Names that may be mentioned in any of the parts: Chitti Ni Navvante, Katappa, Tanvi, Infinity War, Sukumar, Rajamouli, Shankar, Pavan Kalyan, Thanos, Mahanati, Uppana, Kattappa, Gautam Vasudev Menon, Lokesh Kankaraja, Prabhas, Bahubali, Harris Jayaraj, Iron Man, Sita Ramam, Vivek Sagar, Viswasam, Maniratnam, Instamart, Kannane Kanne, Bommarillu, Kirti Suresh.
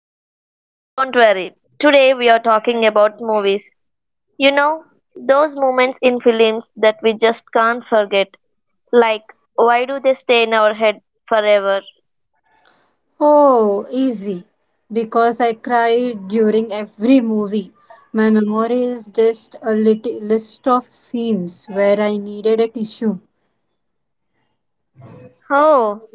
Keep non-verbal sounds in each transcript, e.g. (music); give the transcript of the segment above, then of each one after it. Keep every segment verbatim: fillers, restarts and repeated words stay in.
(laughs) Don't worry, today we are talking about movies. You know, those moments in films that we just can't forget. Like, why do they stay in our head forever? Oh, easy. Because I cried during every movie. My memory is just a lit list of scenes where I needed a tissue. Oh,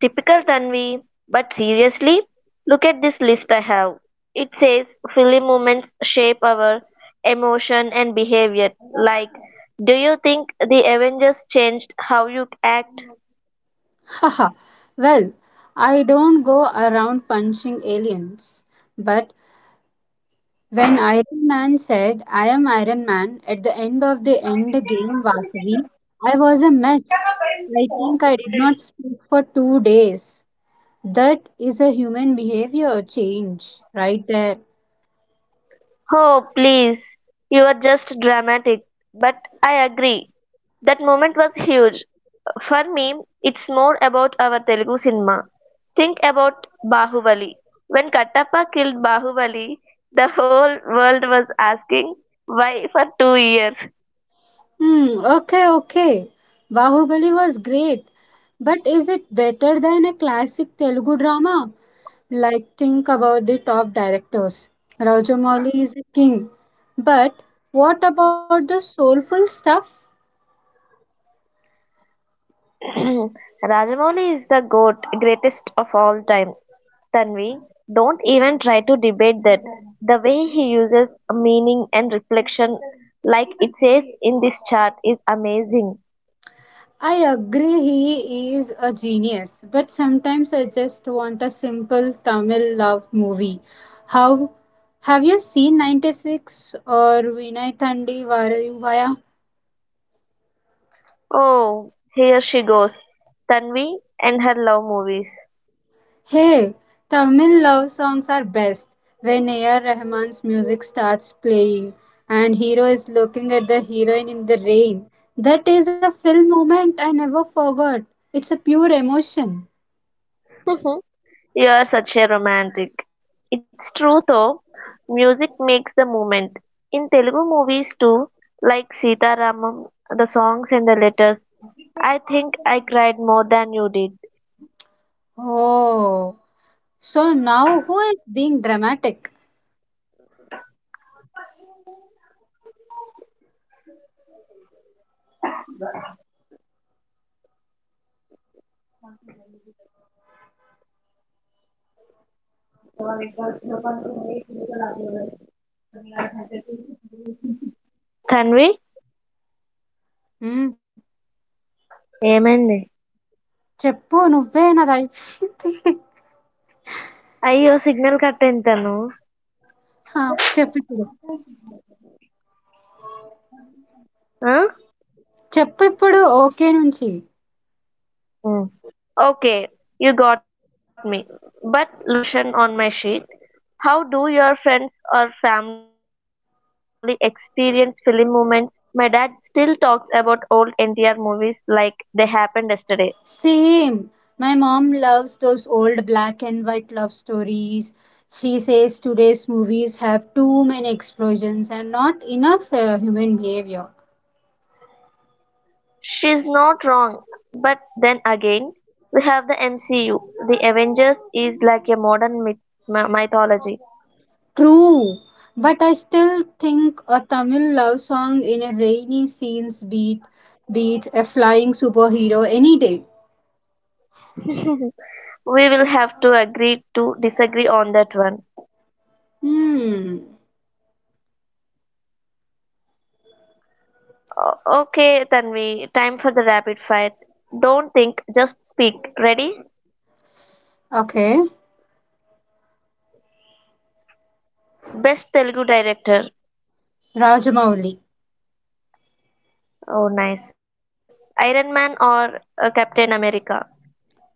typical Tanvi, but seriously, look at this list I have. It says film moments shape our emotion and behavior. Like, do you think the Avengers changed how you act? (laughs) Haha. Well, I don't go around punching aliens, but when Iron Man said, "I am Iron Man," at the end of the end game last, I was a mess. I think I did not speak for two days. That is a human behavior change right there. Oh, please, you are just dramatic. But I agree. That moment was huge. For me, it's more about our Telugu cinema. Think about Bahubali. When Kattappa killed Bahubali, the whole world was asking why for two years. Hmm, okay, okay. Bahubali was great. But is it better than a classic Telugu drama? Like, think about the top directors. Rajamouli is a king. But what about the soulful stuff? (clears throat) Rajamouli is the goat, greatest of all time. Tanvi, don't even try to debate that. The way he uses meaning and reflection, like it says in this chart, is amazing. I agree he is a genius, but sometimes I just want a simple Tamil love movie. How, have you seen ninety-six or Vinay Thandi Varayuvaya? Oh, here she goes. Tanvi and her love movies. Hey, Tamil love songs are best when A R. Rahman's music starts playing and hero is looking at the heroine in the rain. That is a film moment I never forgot. It's a pure emotion. (laughs) You are such a romantic. It's true though, music makes the movement. In Telugu movies too, like Sita Ramam, the songs and the letters, I think I cried more than you did. Oh, so now who is being dramatic? Tanvi, హ్మ్. ఏమైంది చెప్పు నువ్వే నాదయిపోయింది. (laughs) అయ్యో signal cut అయింది తను ఆ! చెప్పిప్పుడు. ఆ? చెప్పిప్పుడు. 'ఓకే' నుంచి. Um, Okay, you got me. But look at this question on my sheet. How do your friends or family experience film moments? My dad still talks about old N T R movies like they happened yesterday. Same. My mom loves those old black and white love stories. She says today's movies have too many explosions and not enough ah, human behaviour. She's not wrong, but then again, we have the M C U. The Avengers is like a modern myth- mythology. True. But I still think a Tamil love song in a rainy scenes beat beats a flying superhero any day. We will have to agree to disagree on that one. హ్మ్. O- Okay, Tanvi, time for the rapid fire. Don't think, just speak. Ready? Okay. Best Telugu director. 'Rajamouli.' Oh, nice. Iron Man or uh, Captain America?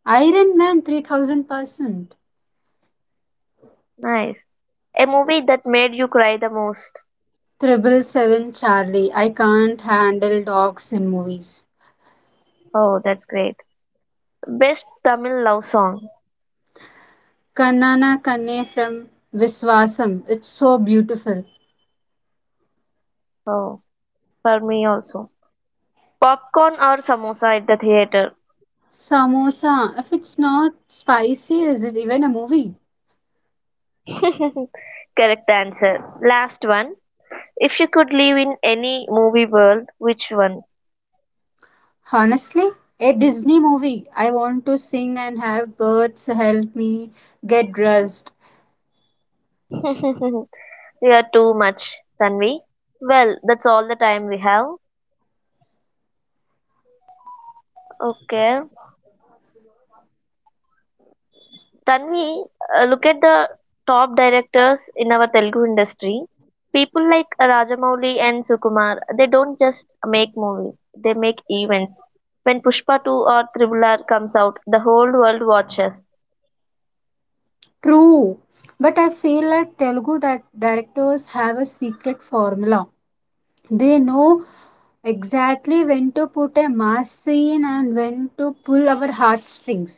Iron Man three thousand percent. Nice. A movie that made you cry the most. Triple Seven Charlie. I can't handle dogs in movies. Oh, that's great. Best Tamil love song. Kannana Kanne from Viswasam. It's so beautiful. Oh, for me also. Popcorn or samosa at the theater. Samosa. If it's not spicy, is it even a movie? (laughs) Correct answer. Last one. If you could live in any movie world, which one? Honestly, a Disney movie. I want to sing and have birds help me get dressed. (laughs) You are too much, Tanvi. Well, that's all the time we have. Okay. Tanvi, uh, look at the top directors in our Telugu industry. People like Rajamouli and Sukumar, they don't just make movies, they make events. When Pushpa two or Tribular comes out, the whole world watches. True. But I feel like Telugu di- directors have a secret formula. They know exactly when to put a mass scene and when to pull our heartstrings.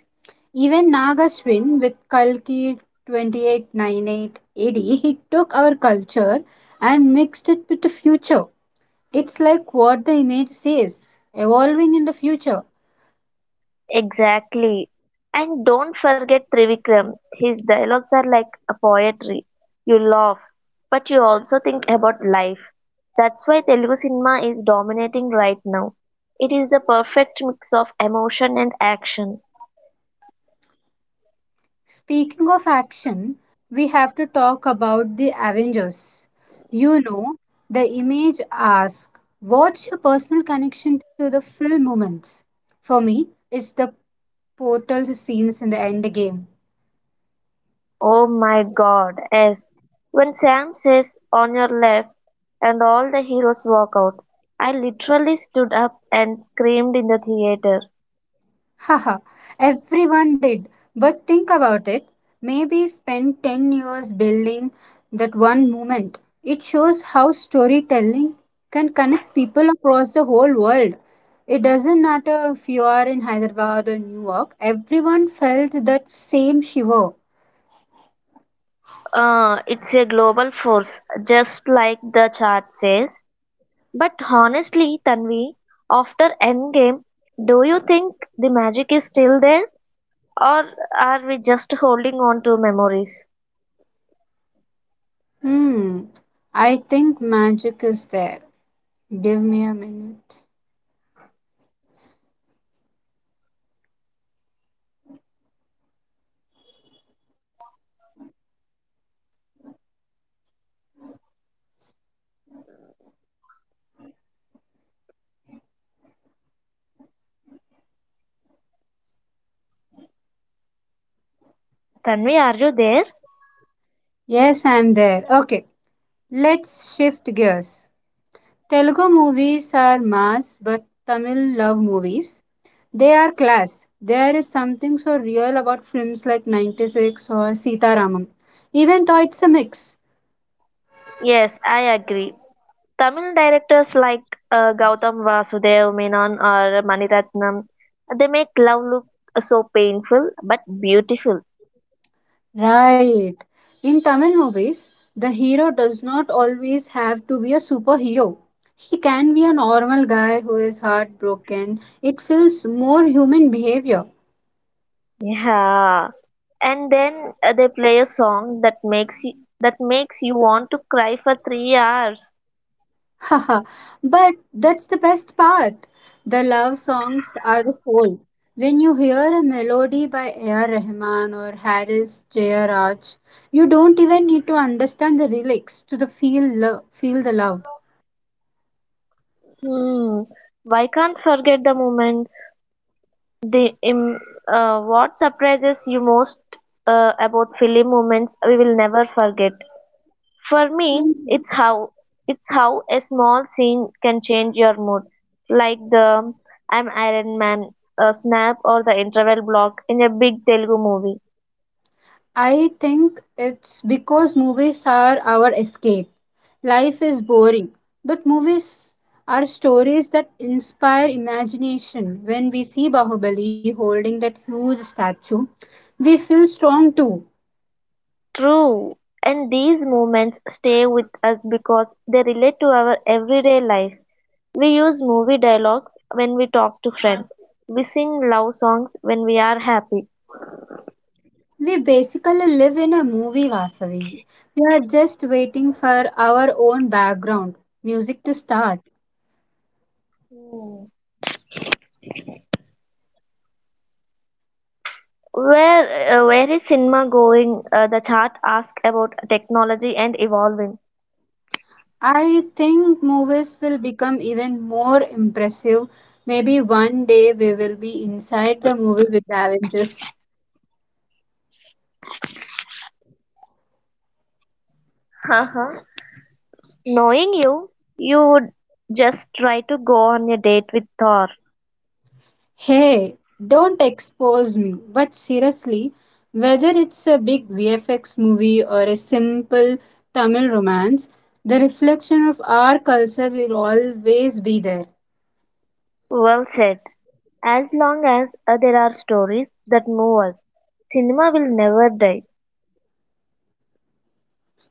Even Nagaswin with Kalki twenty-eight ninety-eight A D, he took our culture and mixed it with the future. It's like what the image says, evolving in the future. Exactly. And don't forget Trivikram. His dialogues are like a poetry. You laugh, but you also think about life. That's why Telugu cinema is dominating right now. It is the perfect mix of emotion and action. Speaking of action, we have to talk about the Avengers. You know, the image asks, what's your personal connection to the film moments? For me, it's the portal scenes in the end game. Oh my god, yes. When Sam says on your left and all the heroes walk out, I literally stood up and screamed in the theater. Haha, everyone did. But think about it. Maybe spend ten years building that one moment. It shows how storytelling can connect people across the whole world. It doesn't matter if you are in Hyderabad or New York, everyone felt that same shiver. Uh, it's a global force, just like the chart says. But honestly, Tanvi, after Endgame, do you think the magic is still there? Or are we just holding on to memories? Hmm, I think magic is there. Give me a minute. Tanvi, are you there? Yes, I'm there. Okay, let's shift gears. Telugu movies are mass, but Tamil love movies, they are class. There is something so real about films like ninety-six or Sita Ramam, even though it's a mix. Yes, I agree. Tamil directors like uh, Gautam Vasudev Menon or Maniratnam, they make love look so painful but beautiful. Right. In Tamil movies, the hero does not always have to be a superhero. He can be a normal guy who is heartbroken. It feels more human behavior. Yeah, and then uh, they play a song that makes you that makes you want to cry for three hours. (laughs) Haha, but that's the best part. The love songs are the soul. When you hear a melody by A R. Rahman or Harris Jayaraj, you don't even need to understand the lyrics to the feel, lo- feel the love. Hmm. Why can't forget the moments? The um, uh, What surprises you most uh, about film moments we will never forget. For me, Mm-hmm. it's how it's how a small scene can change your mood, like the "I'm Iron Man" uh, snap or the interval block in a big Telugu movie. I think it's because movies are our escape. Life is boring, but movies are stories that inspire imagination. When we see Bahubali holding that huge statue, we feel strong too. True, and these moments stay with us because they relate to our everyday life. We use movie dialogues when we talk to friends. We sing love songs when we are happy. We basically live in a movie, Vasavi. We are just waiting for our own background music to start. Hmm. Where uh, where is cinema going? Uh, the chart asks about technology and evolving. I think movies will become even more impressive. Maybe one day we will be inside the movie with the Avengers. Haha. Knowing you, you would just try to go on a date with Thor. Hey, don't expose me. But seriously, whether it's a big V F X movie or a simple Tamil romance, the reflection of our culture will always be there. Well said. As long as uh, there are stories that move us, cinema will never die. Hmm.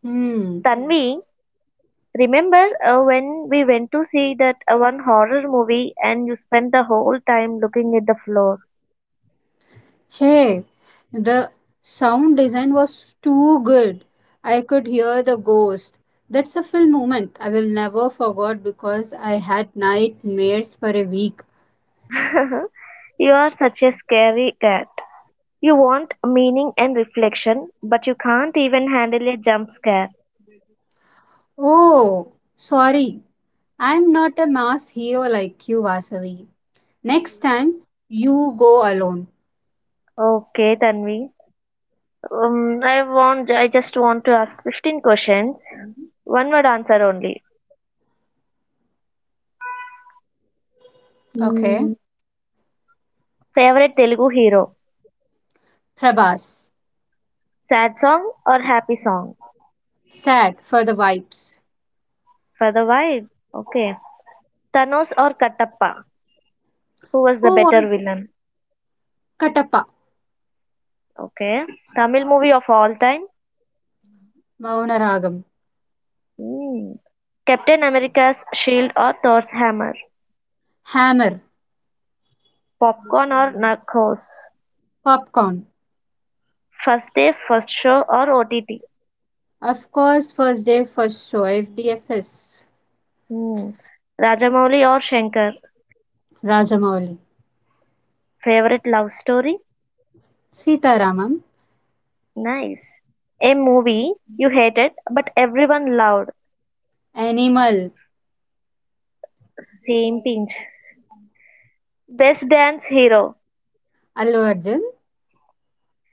Hmm. Tanvi, remember uh, when we went to see that uh, one horror movie and you spent the whole time looking at the floor? Hey, the sound design was too good. I could hear the ghost. That's a film moment I will never forget because I had nightmares for a week. (laughs) You are such a scary cat. You want meaning and reflection, but you can't even handle a jump scare. Oh, sorry. I'm not a mass hero like you, Vasavi. Next time, you go alone. Okay, Tanvi. Um, I want. I just want to ask fifteen questions. One word answer only. Okay? Mm, Favorite Telugu hero? Prabhas. Sad song or happy song? Sad for the vibes. For the vibe. Okay. Thanos or Kattappa? Who was the Who better won? villain? Katappa? Okay. Tamil movie of all time? Maunaragam. Hmm. Captain America's Shield or Thor's Hammer? Hammer. Popcorn or Narcos? Popcorn. First day, first show or O T T? Of course, first day first show, F D F S, Hmm. Rajamouli or Shankar? Rajamouli, Favorite love story? Sitaraman, Nice. A movie you hated but everyone loved. Animal, Same pinch. Best dance hero? Allu Arjun,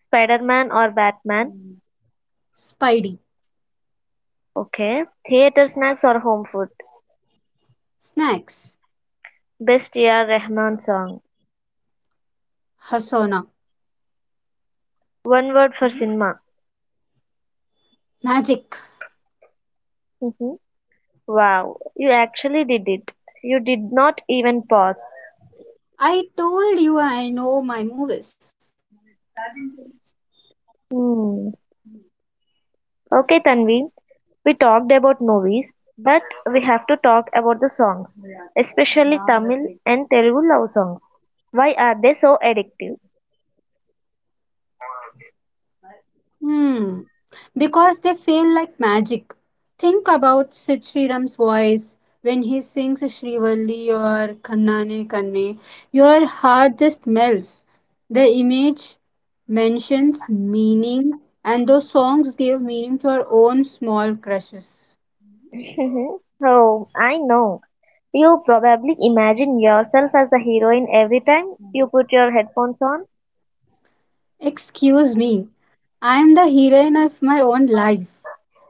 Spider Man or Batman? Spidey, Okay. Theater snacks or home food? Snacks, Best year Rahman song? Hasona, One word for cinema. Magic. Mm-hmm. Wow, you actually did it. You did not even pause. I told you I know my movies. Hmm. Okay, Tanvi, we talked about movies, but we have to talk about the songs, especially Tamil and Telugu love songs. Why are they so addictive? Hmm. Because they feel like magic. Think about Sid Sriram's voice when he sings Shrivalli or Kannane Kanne. Your heart just melts. The image mentions meaning, and those songs give meaning to our own small crushes. (laughs) Oh, I know. You probably imagine yourself as the heroine every time you put your headphones on. Excuse me, I am the heroine of my own life.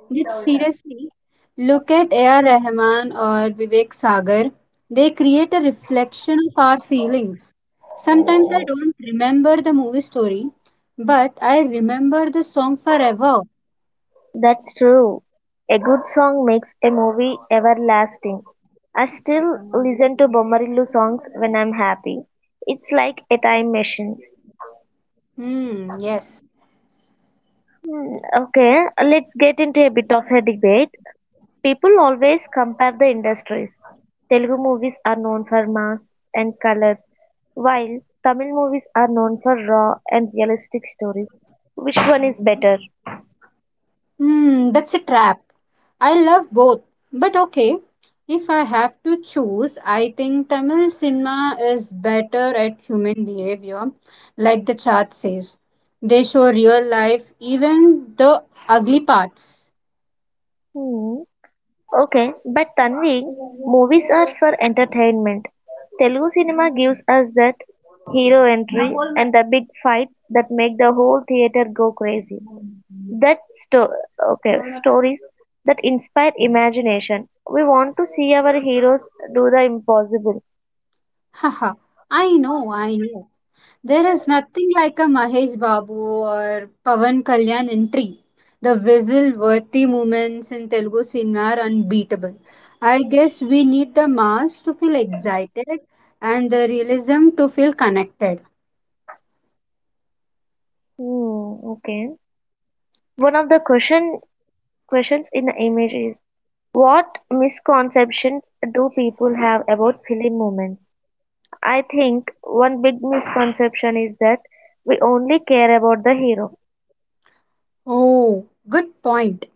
But seriously, look at A R. Rahman or Vivek Sagar. They create a reflection of our feelings. Sometimes I don't remember the movie story, but I remember the song forever. That's true. A good song makes a movie everlasting. I still listen to Bommarillu songs when I'm happy. It's like a time machine. Hmm, yes. Hmm, Okay, let's get into a bit of a debate. People always compare the industries. Telugu movies are known for mass and color, while Tamil movies are known for raw and realistic stories. Which one is better? Hmm, that's a trap. I love both. But okay, if I have to choose, I think Tamil cinema is better at human behavior, like the chart says. They show real life, even the ugly parts. Hmm. Okay, but Tanvi, movies are for entertainment. Telugu cinema gives us that hero entry and the big fights that make the whole theater go crazy. That sto- okay, stories that inspire imagination. We want to see our heroes do the impossible. (laughs) Haha, I know, I know. There is nothing like a Mahesh Babu or Pavan Kalyan entry. The whistle-worthy moments in Telugu cinema are unbeatable. I guess we need the mass to feel excited and the realism to feel connected. Hmm, okay. One of the question questions in the image is what misconceptions do people have about film moments? I think one big misconception is that we only care about the hero. Oh, good point.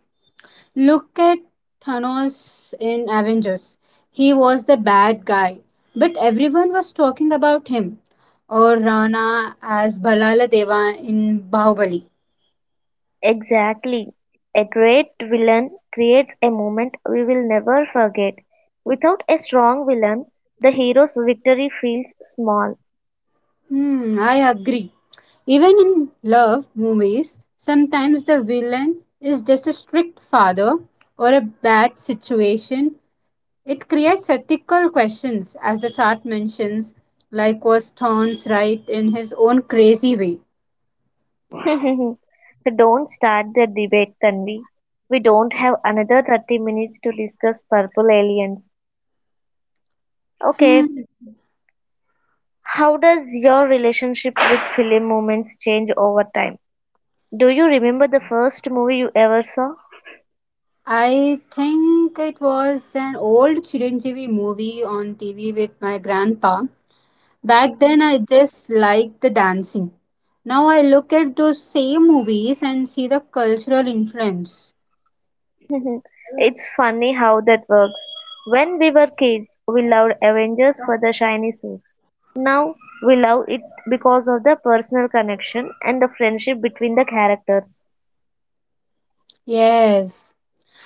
Look at Thanos in Avengers. He was the bad guy, but everyone was talking about him. Or Rana as Balala Deva in Bahubali. Exactly. A great villain creates a moment we will never forget. Without a strong villain, the hero's victory feels small. Hmm, I agree. Even in love movies, sometimes the villain is just a strict father or a bad situation. It creates ethical questions, as the chart mentions, like was Thorne's right in his own crazy way. (laughs) Don't start the debate, Tanvi. We don't have another thirty minutes to discuss purple aliens. Okay, Hmm, how does your relationship with film moments change over time? Do you remember the first movie you ever saw? I think it was an old Chiranjeevi movie on T V with my grandpa. Back then, I (laughs) just liked the dancing. Now I look at those same movies and see the cultural influence. Mhm. It's funny how that works. When we were kids, we loved Avengers for the shiny suits. Now, we love it because of the personal connection and the friendship between the characters. Yes,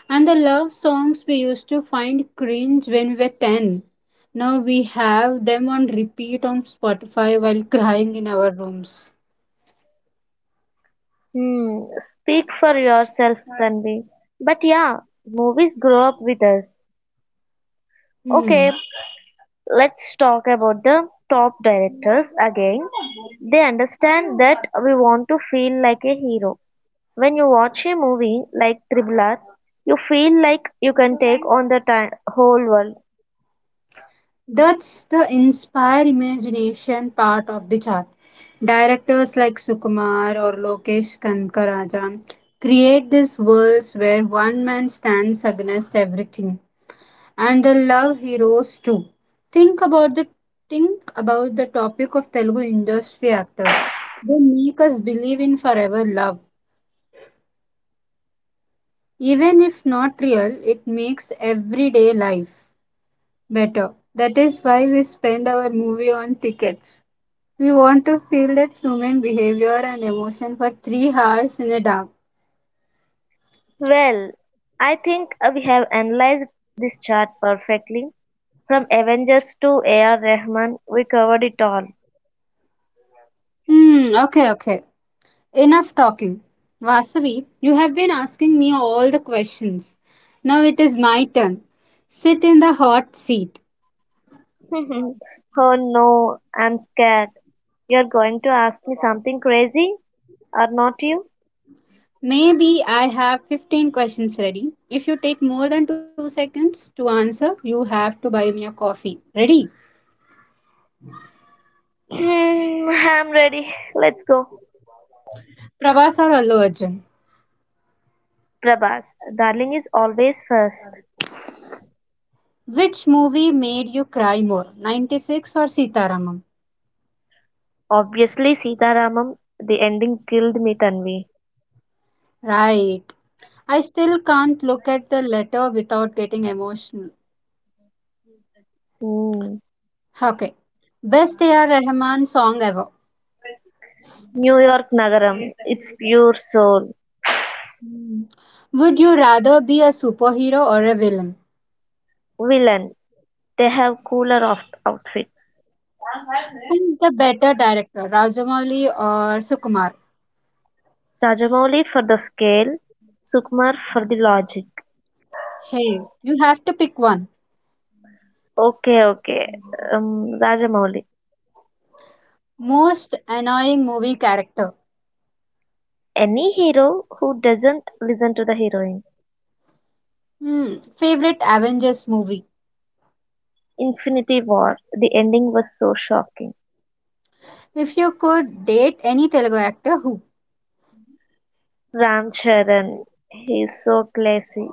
and the love songs we used to find cringe when we were ten. Now we have them on repeat on Spotify while (laughs) crying in our rooms. Hmm, speak for yourself, Tanvi. But yeah, movies grow up with us. Hmm. Okay, let's talk about the top directors again. They understand that we want to feel like a hero. When you watch a movie like Tribhulan, you feel like you can take on the ti whole world. That's the inspire imagination part of the chart. Directors like Sukumar or Lokesh Kankaraja create these worlds where one man stands against everything, and the love heroes too. Think about the think about the topic of Telugu industry actors. They make us believe in forever love, even if not real. It makes everyday life better. That is why we spend our movie on tickets. We want to feel that human behavior and emotion for three hours in the dark. Well, I think uh, we have analyzed this chart perfectly. From Avengers to A R. Rahman, we covered it all. Hmm, okay, okay. Enough talking. Vasavi, you have been asking me all the questions. Now it is my turn. Sit in the hot seat. (laughs) Oh no, I'm scared. You're going to ask me something crazy, or not you? Maybe I have fifteen questions ready. If you take more than two seconds to answer, you have to buy me a coffee. Ready? Hmm, I'm ready. Let's go. Prabhas or Allu Arjun? Prabhas, darling is always first. Which movie made you cry more, ninety-six or Sitaramam? Obviously, Sita Ramam, the ending killed me, Tanvi. Right. I still can't look at the letter without getting emotional. Hmm. Okay. Best A R. Rahman song ever. New York Nagaram, it's pure soul. Hmm. Would you rather be a superhero or a villain? Villain, they have cooler off- outfits. Who's the better director, Rajamouli or Sukumar? Rajamouli for the scale, Sukumar for the logic. Hey, you have to pick one. Okay, okay. Um, Rajamouli. Most annoying movie character. Any hero who doesn't listen to the heroine. Hmm. Favorite Avengers movie. Infinity War, the ending was so shocking. If you could date any Telugu actor, who? Ram Charan, he is so classy.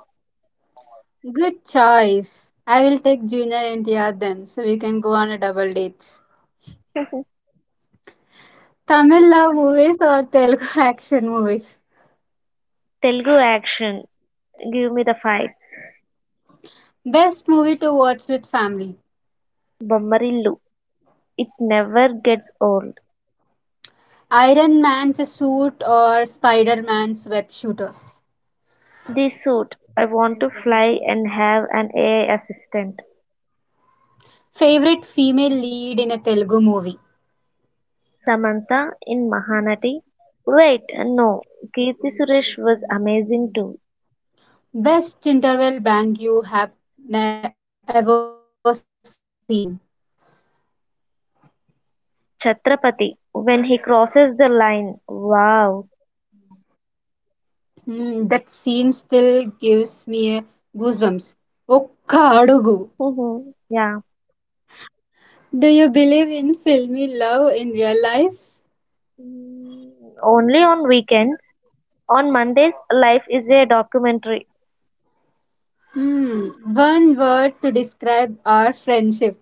Good choice. I will take Junior and N T R then, so we can go on a double dates. (laughs) Tamil love movies or Telugu (laughs) action movies? Telugu action, give me the fights. Best movie to watch with family. Bommarillu, it never gets old. Iron Man's suit or Spider Man's web shooters. This suit, I Want to Fly and Have an A I Assistant, Favorite female lead in a Telugu movie. Samantha in Mahanati. Wait, no, Kirti Suresh was amazing too. Best interval bang you have ne- ever seen. Chhatrapati, when he crosses the line, wow. Hmm, that scene still gives me a goosebumps. ఒక్క అడుగు. Mhm, yeah. Do you believe in filmy love in real life? Mm, Only on weekends. On Mondays, life is a documentary Hmm, one word to describe our friendship.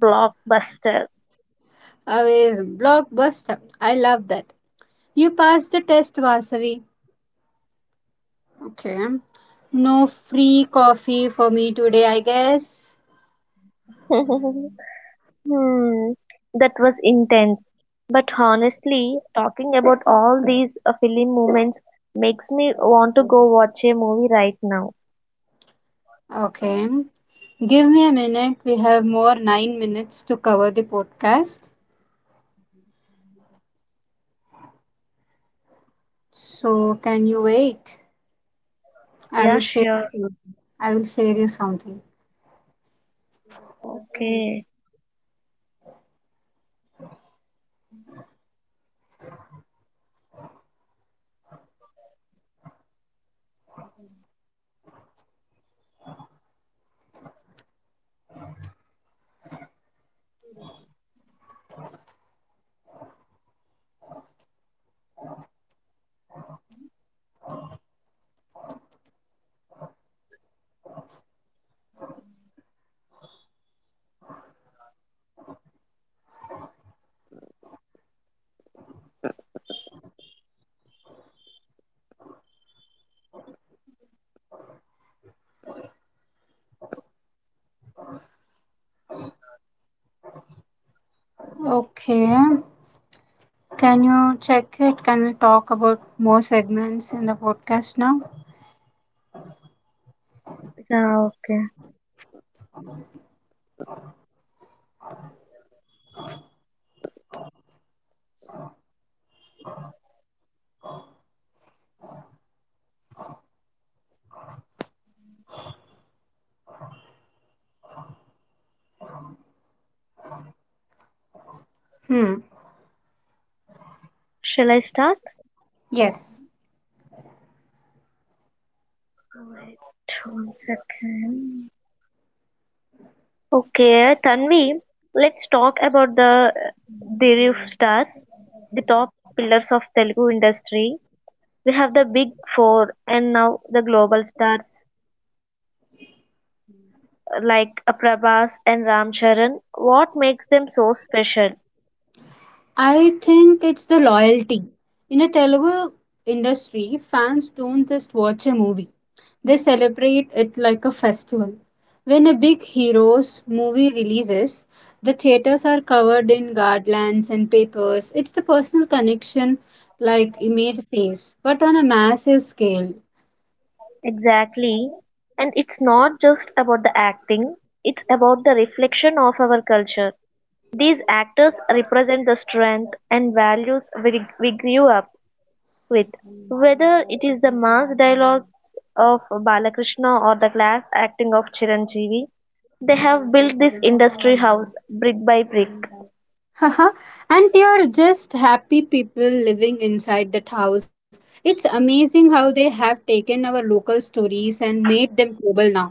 blockbuster. Amazing. Blockbuster. I love that. You passed the test, Vasavi. Okay. No free coffee for me today, I guess. (laughs) Hmm, that was intense. But honestly, talking about all these uh, film moments makes me want to go watch a movie right now. Okay. Give me a minute. We have more nine minutes to cover the podcast. So, can you wait? I Yeah, will share. sure. I will share you something. Okay. Okay. Can you check it? Can we talk about more segments in the podcast now? Yeah, okay. Hmm. Shall I start? Yes. Wait one second. Okay, Tanvi, let's talk about the Dhiruf stars, the top pillars of Telugu industry. We have the big four and now the global stars, like uh, Prabhas and Ramcharan, what makes them so special? I think it's the loyalty. In a Telugu industry, fans don't just watch a movie. They celebrate it like a festival. When a big hero's movie releases, the theaters are covered in garlands and papers. It's the personal connection like image stays, but on a massive scale. Exactly. And it's not just about the acting, it's about the reflection of our culture. These actors represent the strength and values we, we grew up with, whether it is the mass dialogues of Balakrishna or the class acting of Chiranjeevi. They have built this industry house brick by brick. Haha, and they are just happy people living inside that house. It's amazing how they have taken our local stories and made them global now.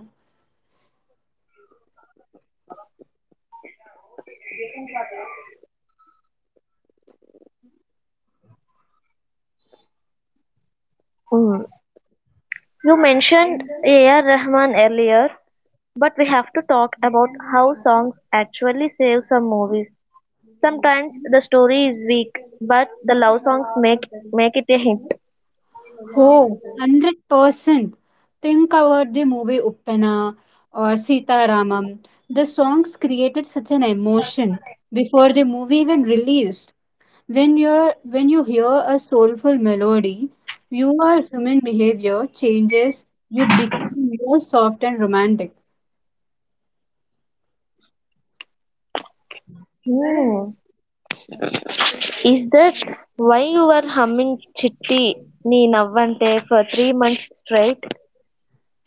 Mm. You mentioned A R. Rahman earlier. But we have to talk about how songs actually save some movies. Sometimes the story is weak, but the love songs make make it a hit. Oh, one hundred percent. Think about the movie Uppana or Sita Ramam. The songs created such an emotion before the movie even released. When you are when you hear a soulful melody, your human behavior changes. You become more soft and romantic. Hmm. Is that why you were humming Chitti Ni Navvante for three months straight?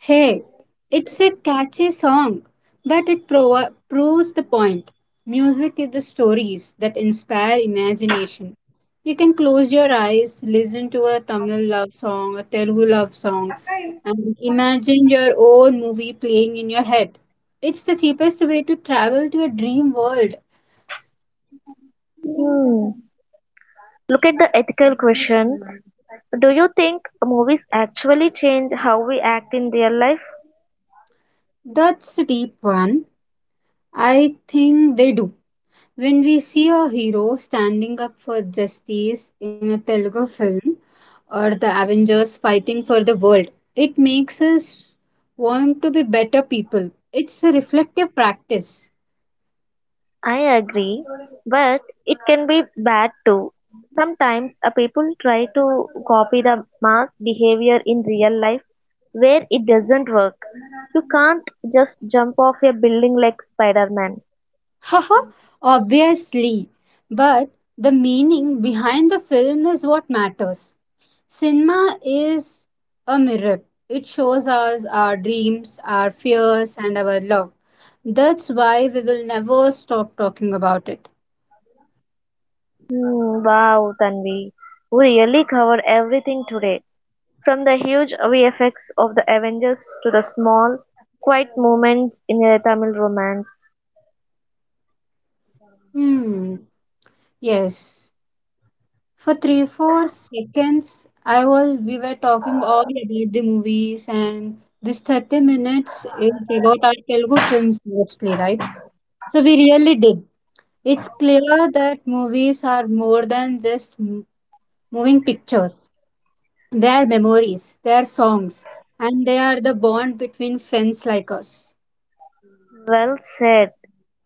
Hey, it's a catchy song, but it prov- proves the point. Music is the stories that inspire imagination. You can close your eyes, listen to a Tamil love song, a Telugu love song, and imagine your own movie playing in your head. It's the cheapest way to travel to a dream world. Hmm. Look at the ethical question. Do you think movies actually change how we act in real life? That's a deep one. I think they do. When we see a hero standing up for justice in a Telugu film or the Avengers fighting for the world, it makes us want to be better people. It's a reflective practice. I agree, but it can be bad too. Sometimes uh, people try to copy the mass behavior in real life where it doesn't work. You can't just jump off a building like Spider Man. (laughs) Haha, obviously. But the meaning behind the film is what matters. Cinema is a mirror, it shows us our dreams, our fears, and our love. That's why we will never stop talking about it. Hmm, wow, Tanvi. We really covered everything today. From the huge V F X of the Avengers to the small, quiet moments in a Tamil romance. Hmm. Yes. For three, four seconds, I was we were talking all about the movies, and this thirty minutes is about our Telugu films mostly, right? So we really did. It's clear that movies are more than just m- moving pictures. They are memories, they are songs, and they are the bond between friends like us. Well said.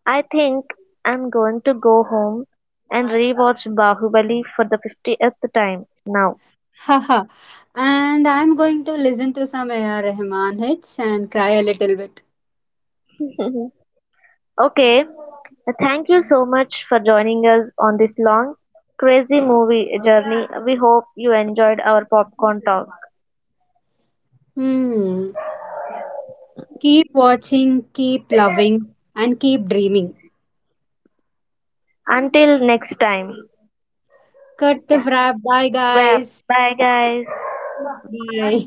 I think I'm going to go home and rewatch Bahubali for the fiftieth time now. (laughs) Haha. And I'm going to listen to some A R. Rahman hits and cry a little bit. (laughs) Okay, thank you so much for joining us on this long, crazy movie journey. We hope you enjoyed our popcorn talk. Hmm. Keep watching, keep loving, and keep dreaming. Until next time. Cut the wrap. Bye, Wrap. guys. Bye, guys. Bye.